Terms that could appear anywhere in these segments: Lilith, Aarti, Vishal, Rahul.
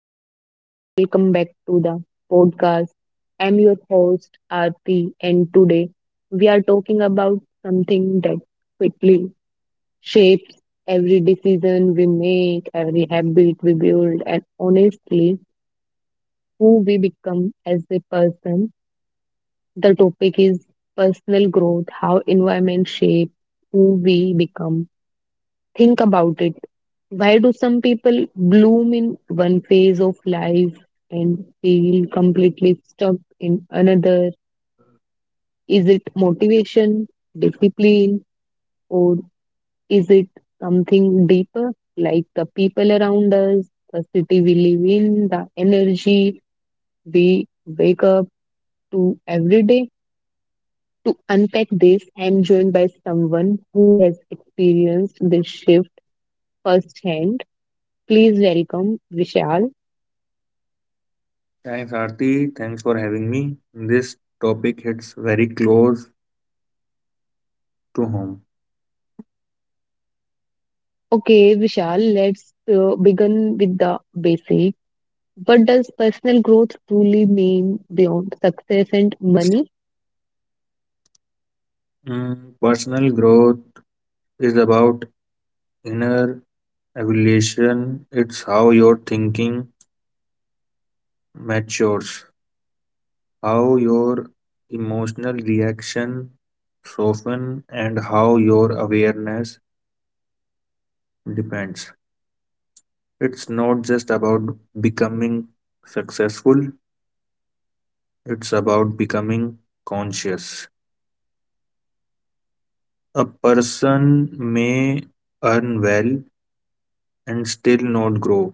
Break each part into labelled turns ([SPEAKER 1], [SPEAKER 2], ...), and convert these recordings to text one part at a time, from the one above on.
[SPEAKER 1] everyone. Welcome back to the podcast. I'm your host, Aarti, and today we are talking about something that quickly shapes every decision we make, every habit we build, and honestly, who we become as a person. The topic is personal growth, how environment shapes who we become. Think about it. Why do some people bloom in one phase of life and feel completely stuck in another? Is it motivation, discipline, or is it something deeper like the people around us, the city we live in, the energy we wake up to every day? To unpack this, I am joined by someone who has experienced this shift firsthand. Please welcome Vishal.
[SPEAKER 2] Thanks, Aarti. Thanks for having me. This topic hits very close to home.
[SPEAKER 1] Okay, Vishal, let's begin with the basic. What does personal growth truly mean beyond success and money?
[SPEAKER 2] Personal growth is about inner evolution. It's how your thinking matures, how your emotional reaction soften, and how your awareness depends. It's not just about becoming successful, it's about becoming conscious. A person may earn well and still not grow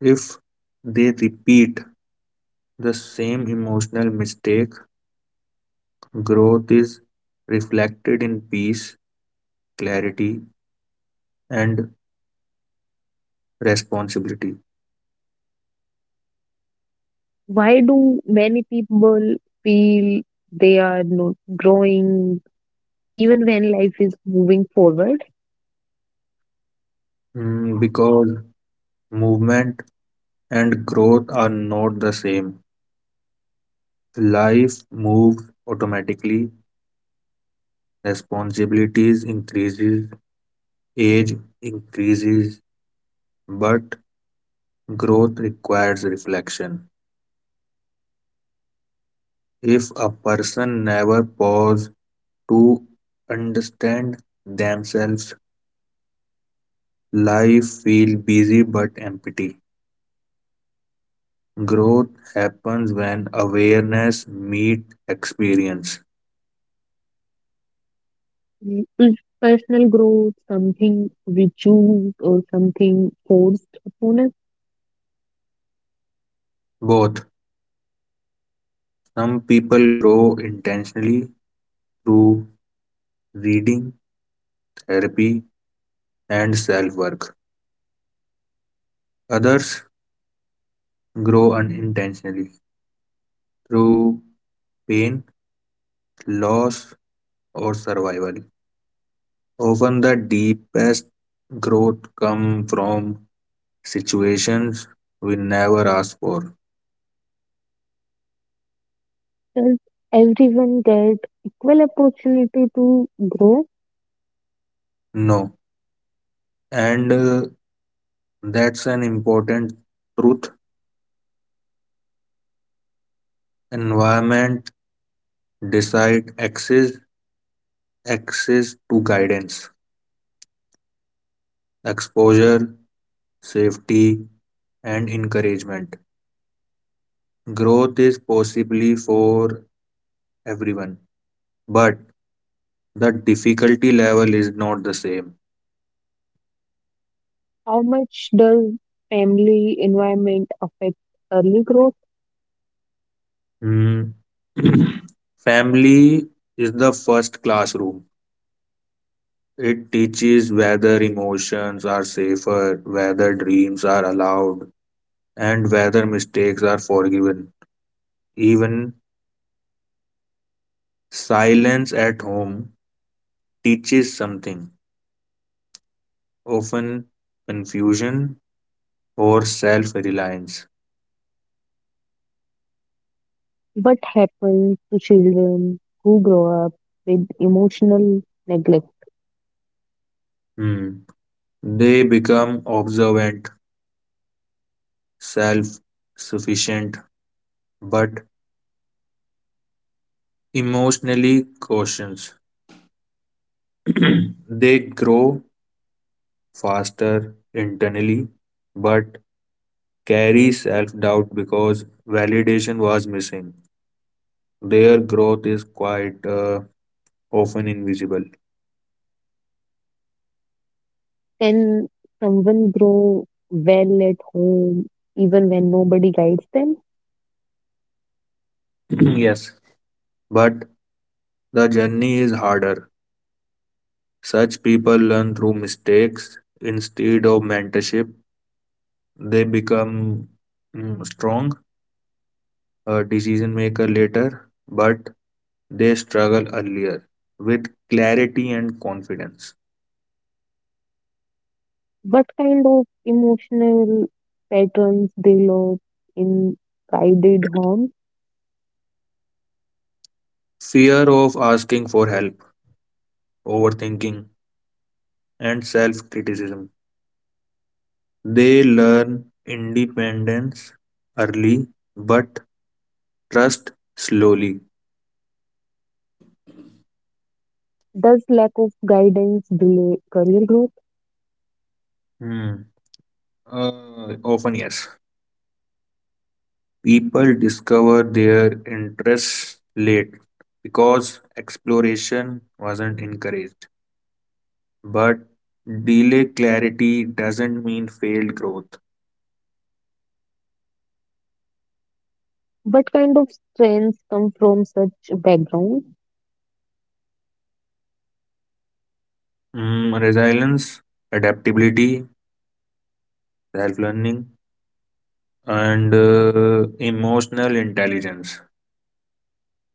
[SPEAKER 2] if they repeat the same emotional mistake. Growth is reflected in peace, clarity, and responsibility.
[SPEAKER 1] Why do many people feel they are not growing even when life is moving forward?
[SPEAKER 2] Because movement and growth are not the same. Life moves automatically, responsibilities increases, age increases, but growth requires reflection. If a person never pauses to understand themselves, life feels busy but empty. Growth happens when awareness meets experience.
[SPEAKER 1] Is personal growth something we choose or something forced upon us?
[SPEAKER 2] Both. Some people grow intentionally through reading, therapy, and self work. Others grow unintentionally through pain, loss, or survival. Often the deepest growth comes from situations we never ask for.
[SPEAKER 1] Does everyone get equal opportunity to grow?
[SPEAKER 2] No. And that's an important truth. Environment decide access to guidance, exposure, safety, and encouragement. Growth is possibly for everyone, but the difficulty level is not the same.
[SPEAKER 1] How much does family environment affect early growth?
[SPEAKER 2] Hmm. Family is the first classroom. It teaches whether emotions are safer, whether dreams are allowed, and whether mistakes are forgiven. Even silence at home teaches something, often confusion or self reliance.
[SPEAKER 1] What happens to children who grow up with emotional neglect?
[SPEAKER 2] They become observant, self sufficient, but emotionally cautious. They grow faster internally but carry self doubt because validation was missing. Their growth is quite often invisible.
[SPEAKER 1] Can someone grow well at home even when nobody guides them?
[SPEAKER 2] Yes. But the journey is harder. Such people learn through mistakes instead of mentorship. They become strong decision maker later, but they struggle earlier with clarity and confidence.
[SPEAKER 1] What kind of emotional patterns develop in guided homes?
[SPEAKER 2] Fear of asking for help, overthinking, and self criticism. They learn independence early but trust slowly.
[SPEAKER 1] Does lack of guidance delay career growth?
[SPEAKER 2] Hmm. Often, yes. People discover their interests late because exploration wasn't encouraged. But delay clarity doesn't mean failed growth.
[SPEAKER 1] What kind of strengths come from such background?
[SPEAKER 2] Resilience, adaptability, self learning, and emotional intelligence.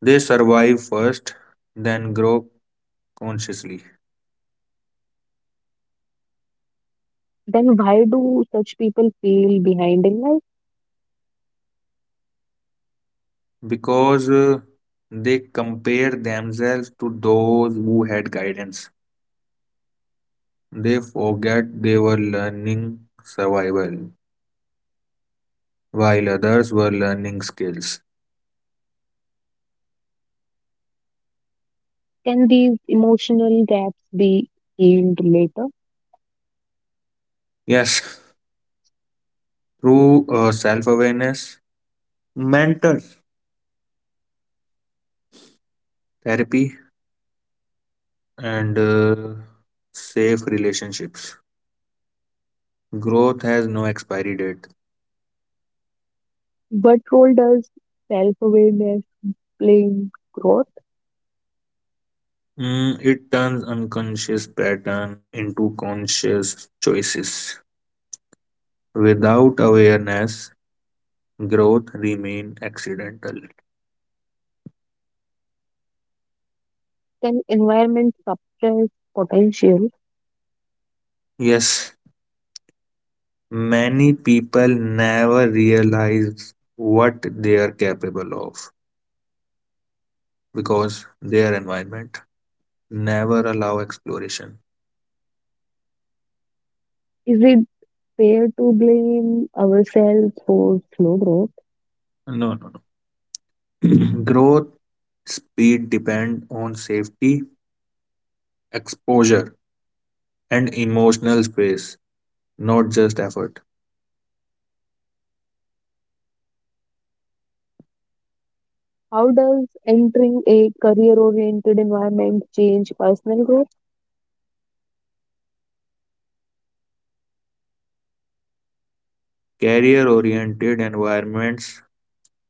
[SPEAKER 2] They survive first, then grow consciously.
[SPEAKER 1] Then why do such people feel behind in life?
[SPEAKER 2] Because they compare themselves to those who had guidance. They forget they were learning survival while others were learning skills.
[SPEAKER 1] Can these emotional gaps be healed later?
[SPEAKER 2] Yes, through self awareness, mental therapy, and safe relationships. Growth has no expiry date.
[SPEAKER 1] What role does self-awareness play in growth?
[SPEAKER 2] It turns unconscious pattern into conscious choices. Without awareness, growth remain accidental.
[SPEAKER 1] Can environment suppress potential?
[SPEAKER 2] Yes, many people never realize what they are capable of because their environment never allow exploration.
[SPEAKER 1] Is it fair to blame ourselves for slow growth?
[SPEAKER 2] No, no, no. Growth speed depend on safety, exposure, and emotional space, not just effort.
[SPEAKER 1] How does entering a career-oriented environment change personal growth?
[SPEAKER 2] Career oriented environments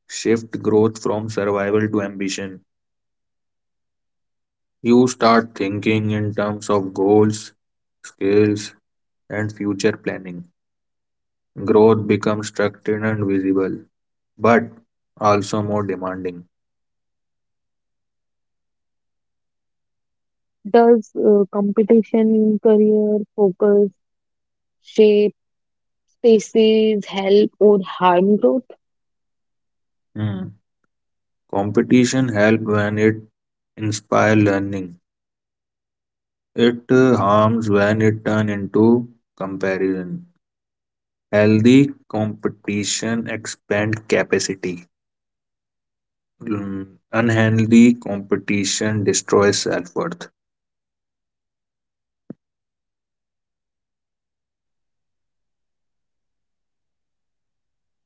[SPEAKER 2] shift growth from survival to ambition. You start thinking in terms of goals, skills, and future planning. Growth becomes structured and visible, but also more demanding.
[SPEAKER 1] Does competition in career focus shape spaces help or harm growth?
[SPEAKER 2] Hmm. Competition helps when it inspires learning. It harms when it turns into comparison. Healthy competition expands capacity. Mm, Unhealthy competition destroys self worth.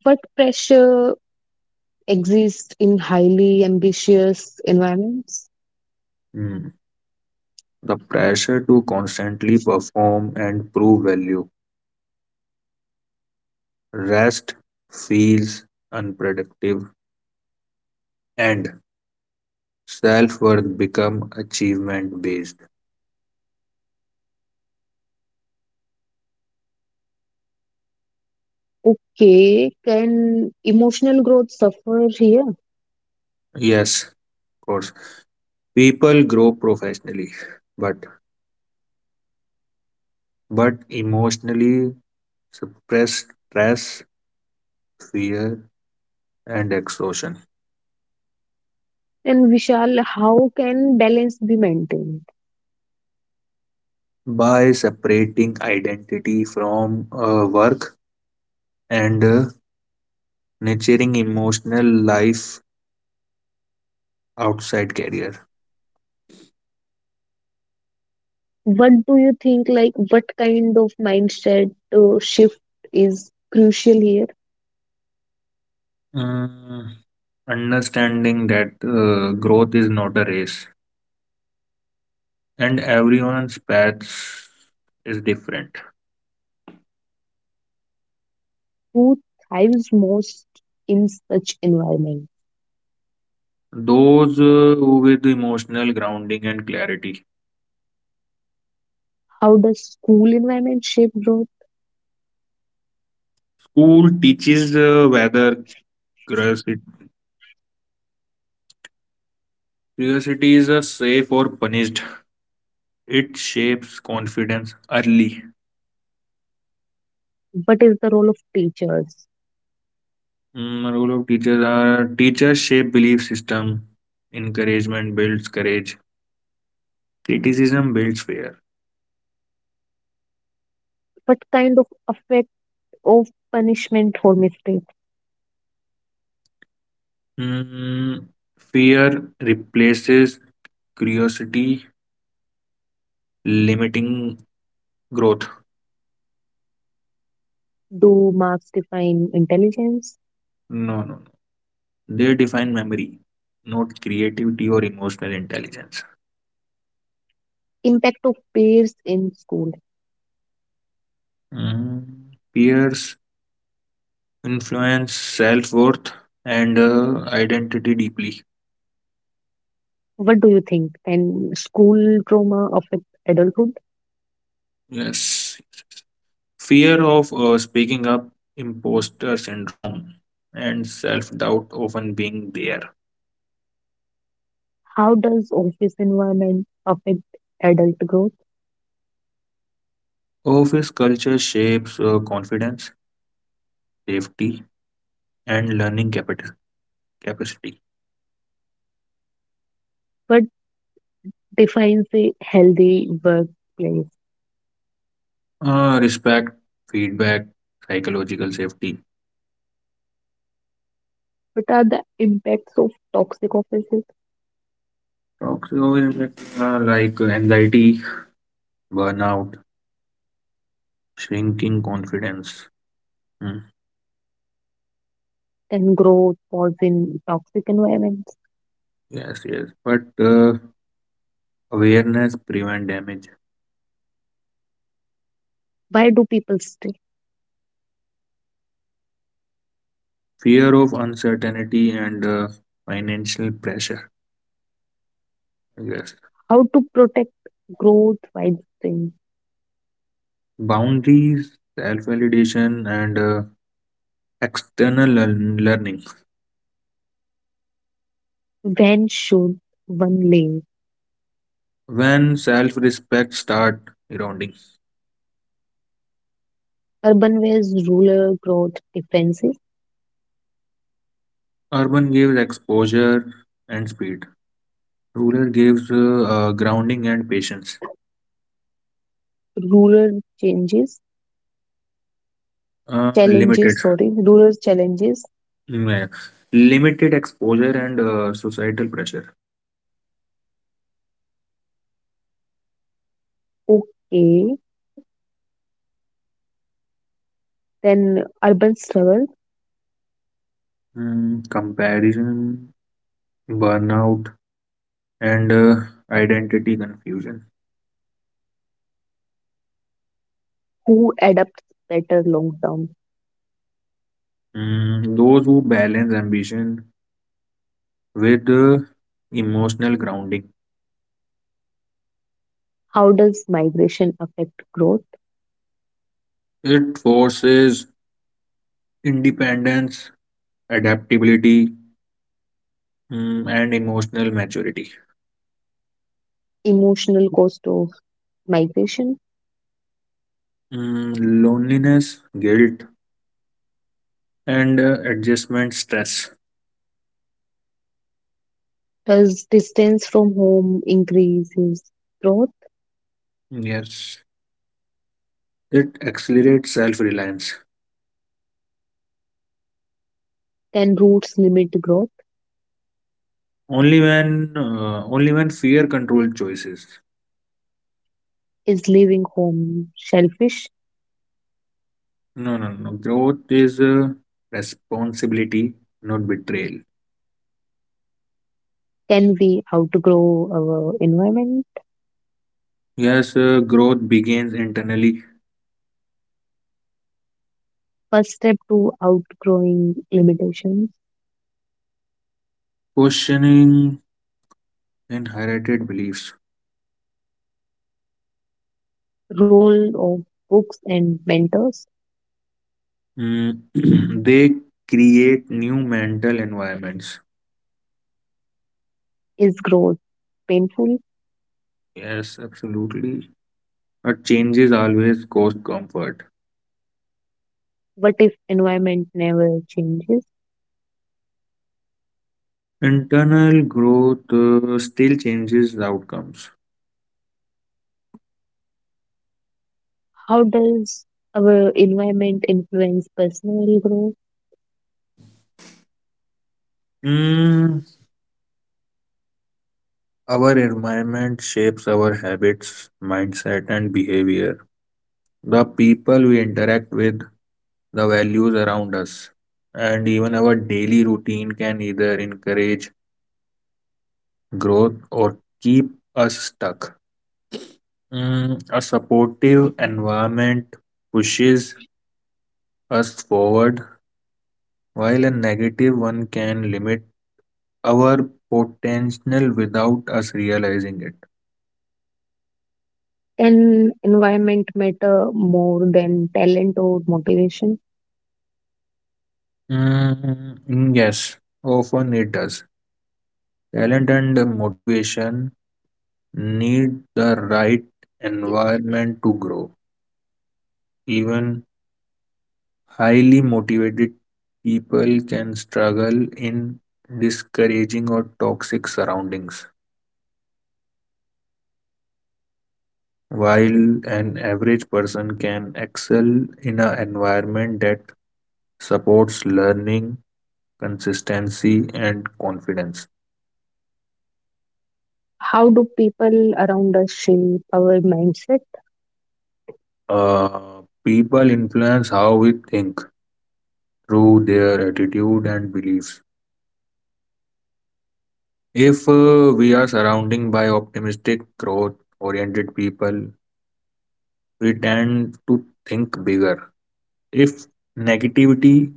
[SPEAKER 1] But pressure exists in highly ambitious environments.
[SPEAKER 2] The pressure to constantly perform and prove value. Rest feels unproductive and self worth become achievement based.
[SPEAKER 1] Okay, can emotional growth suffer here?
[SPEAKER 2] Yes, of course. People grow professionally, but emotionally suppress stress, fear, and exhaustion.
[SPEAKER 1] And Vishal, how can balance be maintained?
[SPEAKER 2] By separating identity from work and nurturing emotional life outside career.
[SPEAKER 1] What do you think, like, what kind of mindset shift is crucial here?
[SPEAKER 2] Mm, understanding that growth is not a race and everyone's path is different.
[SPEAKER 1] Who thrives most in such environment?
[SPEAKER 2] Those with emotional grounding and clarity.
[SPEAKER 1] How does school environment shape growth?
[SPEAKER 2] School teaches whether curiosity, curiosity is safe or punished. It shapes confidence early.
[SPEAKER 1] What is the role of teachers?
[SPEAKER 2] Role of teachers are teachers shape belief system. Encouragement builds courage. Criticism builds fear.
[SPEAKER 1] What kind of effect of punishment for mistakes?
[SPEAKER 2] Mm, fear replaces curiosity, limiting growth.
[SPEAKER 1] Do marks define intelligence?
[SPEAKER 2] No, no. No. They define memory, not creativity or emotional intelligence.
[SPEAKER 1] Impact of peers in school.
[SPEAKER 2] Mm, Peers influence self worth and identity deeply.
[SPEAKER 1] What do you think? Can school trauma affect adulthood?
[SPEAKER 2] Yes. Fear of speaking up, imposter syndrome, and self doubt often being there.
[SPEAKER 1] How does office environment affect adult growth?
[SPEAKER 2] Office culture shapes confidence, safety, and learning capacity.
[SPEAKER 1] What defines a healthy workplace?
[SPEAKER 2] Respect, feedback, psychological safety.
[SPEAKER 1] What are the impacts of toxic offices?
[SPEAKER 2] Talks always like anxiety, burnout, shrinking confidence. Hmm.
[SPEAKER 1] Can growth pause in toxic environments?
[SPEAKER 2] Yes, yes. But awareness prevent damage.
[SPEAKER 1] Why do people stay?
[SPEAKER 2] Fear of uncertainty and financial pressure. Yes.
[SPEAKER 1] How to protect growth while staying?
[SPEAKER 2] Boundaries, self-validation, and external learning.
[SPEAKER 1] When should one leave?
[SPEAKER 2] When self-respect start grounding.
[SPEAKER 1] Urban where's rural growth differences,
[SPEAKER 2] Urban gives exposure and speed. Rural gives grounding and patience.
[SPEAKER 1] rural changes,
[SPEAKER 2] Uh,
[SPEAKER 1] challenges,
[SPEAKER 2] limited.
[SPEAKER 1] sorry, rural challenges.
[SPEAKER 2] Yeah. Limited exposure and societal pressure.
[SPEAKER 1] Okay. Then urban struggle,
[SPEAKER 2] Comparison, burnout, and identity confusion.
[SPEAKER 1] who adapts better long term?
[SPEAKER 2] Those who balance ambition with emotional grounding.
[SPEAKER 1] How does migration affect growth?
[SPEAKER 2] It forces independence, adaptability, and emotional maturity.
[SPEAKER 1] Emotional cost of migration?
[SPEAKER 2] Mm, loneliness, guilt, and adjustment stress.
[SPEAKER 1] Does distance from home increases growth?
[SPEAKER 2] Yes, it accelerates self-reliance.
[SPEAKER 1] Can roots limit growth?
[SPEAKER 2] Only when fear controls choices.
[SPEAKER 1] Is leaving home selfish?
[SPEAKER 2] No, no, no. No. Growth is responsibility, not betrayal.
[SPEAKER 1] Can we outgrow our environment?
[SPEAKER 2] Yes, growth begins internally,
[SPEAKER 1] First step to outgrowing limitations.
[SPEAKER 2] questioning inherited beliefs.
[SPEAKER 1] Role of books and mentors.
[SPEAKER 2] Mm, they create new mental environments.
[SPEAKER 1] Is growth painful?
[SPEAKER 2] Yes, absolutely. But changes always cost comfort.
[SPEAKER 1] What if environment never changes?
[SPEAKER 2] Internal growth still changes outcomes.
[SPEAKER 1] How does our environment influence personal growth?
[SPEAKER 2] Mm, our environment shapes our habits, mindset, and behavior. The people we interact with, the values around us, and even our daily routine can either encourage growth or keep us stuck. A supportive environment pushes us forward, while a negative one can limit our potential without us realizing it.
[SPEAKER 1] Can environment matter more than talent or motivation?
[SPEAKER 2] Mm, yes, often it does. Talent and motivation need the right environment to grow. Even highly motivated people can struggle in discouraging or toxic surroundings, while an average person can excel in an environment that supports learning, consistency, and confidence.
[SPEAKER 1] How do people around us shape our mindset?
[SPEAKER 2] Uh, people influence how we think through their attitude and beliefs. If we are surrounding by optimistic, growth oriented people, we tend to think bigger. If negativity,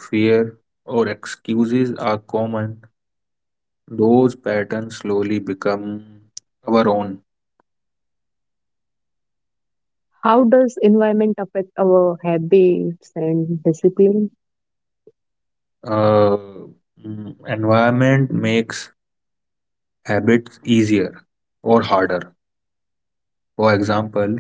[SPEAKER 2] fear, or excuses are common, those patterns slowly become our own.
[SPEAKER 1] How does environment affect our habits and discipline?
[SPEAKER 2] Uh, environment makes habits easier or harder. For example,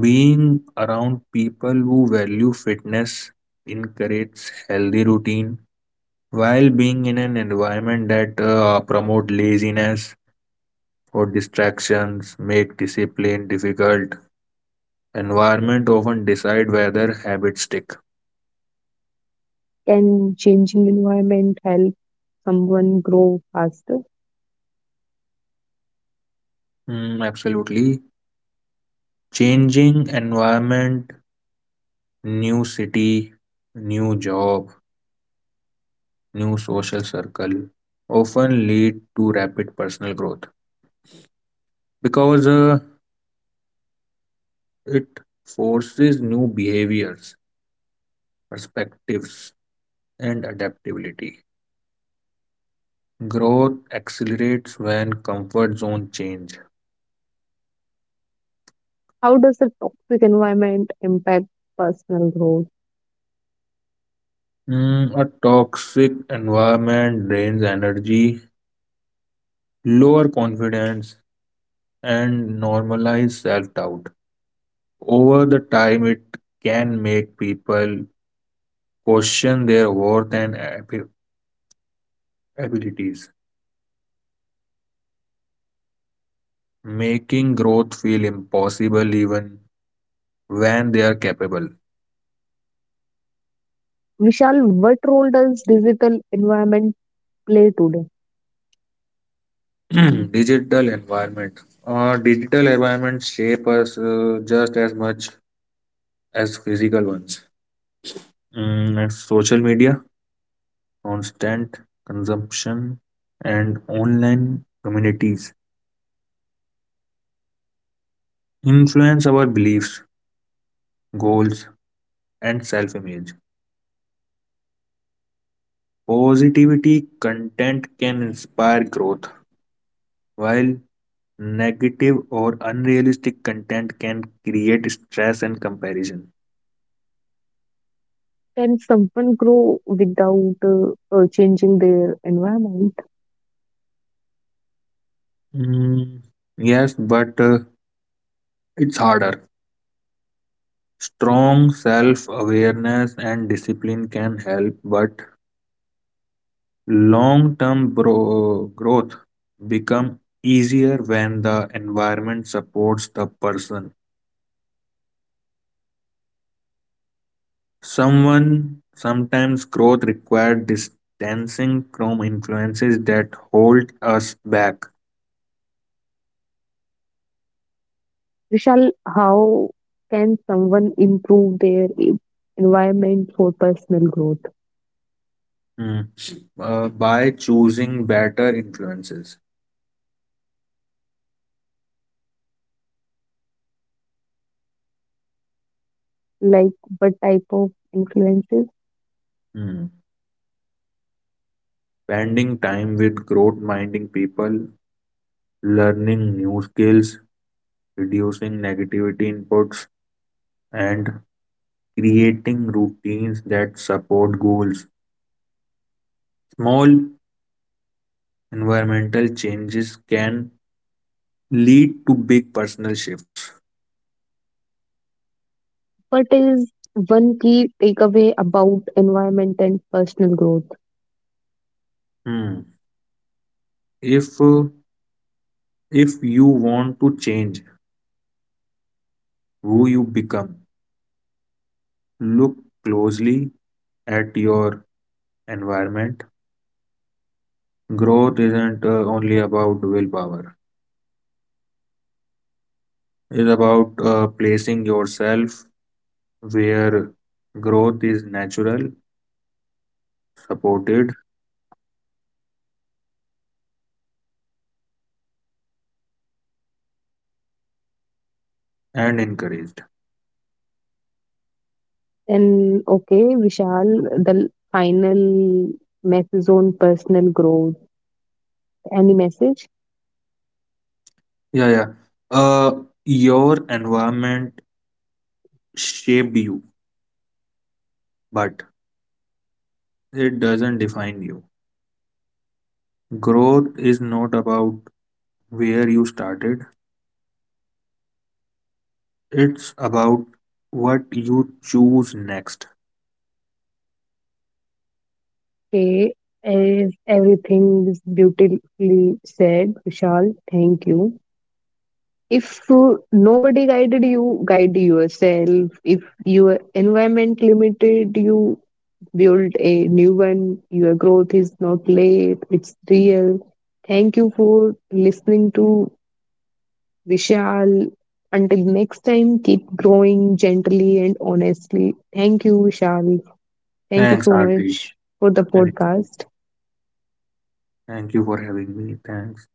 [SPEAKER 2] being around people who value fitness encourages healthy routine, while being in an environment that promote laziness or distractions make discipline difficult. Environment often decide whether habits stick.
[SPEAKER 1] Can changing environment help someone grow faster?
[SPEAKER 2] Mm, absolutely. Changing environment, new city, new job, new social circle often lead to rapid personal growth because it forces new behaviors, perspectives, and adaptability. Growth accelerates when comfort zone change.
[SPEAKER 1] How does a toxic environment impact personal growth?
[SPEAKER 2] A toxic environment drains energy, lower confidence, and normalize self doubt. Over the time, it can make people question their worth and abilities, making growth feel impossible even when they are capable.
[SPEAKER 1] Vishal, what role does digital environment play today?
[SPEAKER 2] Digital environment. Digital environments shape us just as much as physical ones. And social media, constant consumption, and online communities influence our beliefs, goals, and self image. Positivity content can inspire growth, while negative or unrealistic content can create stress and comparison.
[SPEAKER 1] Can someone grow without changing their environment?
[SPEAKER 2] Mm, yes, but it's harder. Strong self awareness and discipline can help, but long term growth become easier when the environment supports the person. Someone sometimes growth required distancing from influences that hold us back.
[SPEAKER 1] Vishal, how can someone improve their environment for personal growth?
[SPEAKER 2] Hmm. By choosing better influences,
[SPEAKER 1] Like, what type of influences?
[SPEAKER 2] Hmm. spending time with growth minding people, learning new skills, reducing negativity inputs, and creating routines that support goals. Small environmental changes can lead to big personal shifts.
[SPEAKER 1] What is one key takeaway about environment and personal growth?
[SPEAKER 2] Hmm. If uh, If you want to change who you become, look closely at your environment. Growth isn't only about willpower, it's about placing yourself where growth is natural, supported, and encouraged.
[SPEAKER 1] And okay, Vishal, the final message on personal growth. Any message?
[SPEAKER 2] Yeah, yeah. Uh, your environment shaped you, but it doesn't define you. Growth is not about where you started, it's about what you choose next.
[SPEAKER 1] Okay, as everything is beautifully said, Vishal, thank you. If nobody guided you, guide yourself. If your environment limited you, build a new one. Your growth is not late, it's real. Thank you for listening to Vishal. Until next time, keep growing gently and honestly. Thank you, Vishal. Thank you
[SPEAKER 2] Thanks,
[SPEAKER 1] so
[SPEAKER 2] Arti.
[SPEAKER 1] much for the
[SPEAKER 2] Thanks.
[SPEAKER 1] podcast.
[SPEAKER 2] Thank you for having me. Thanks.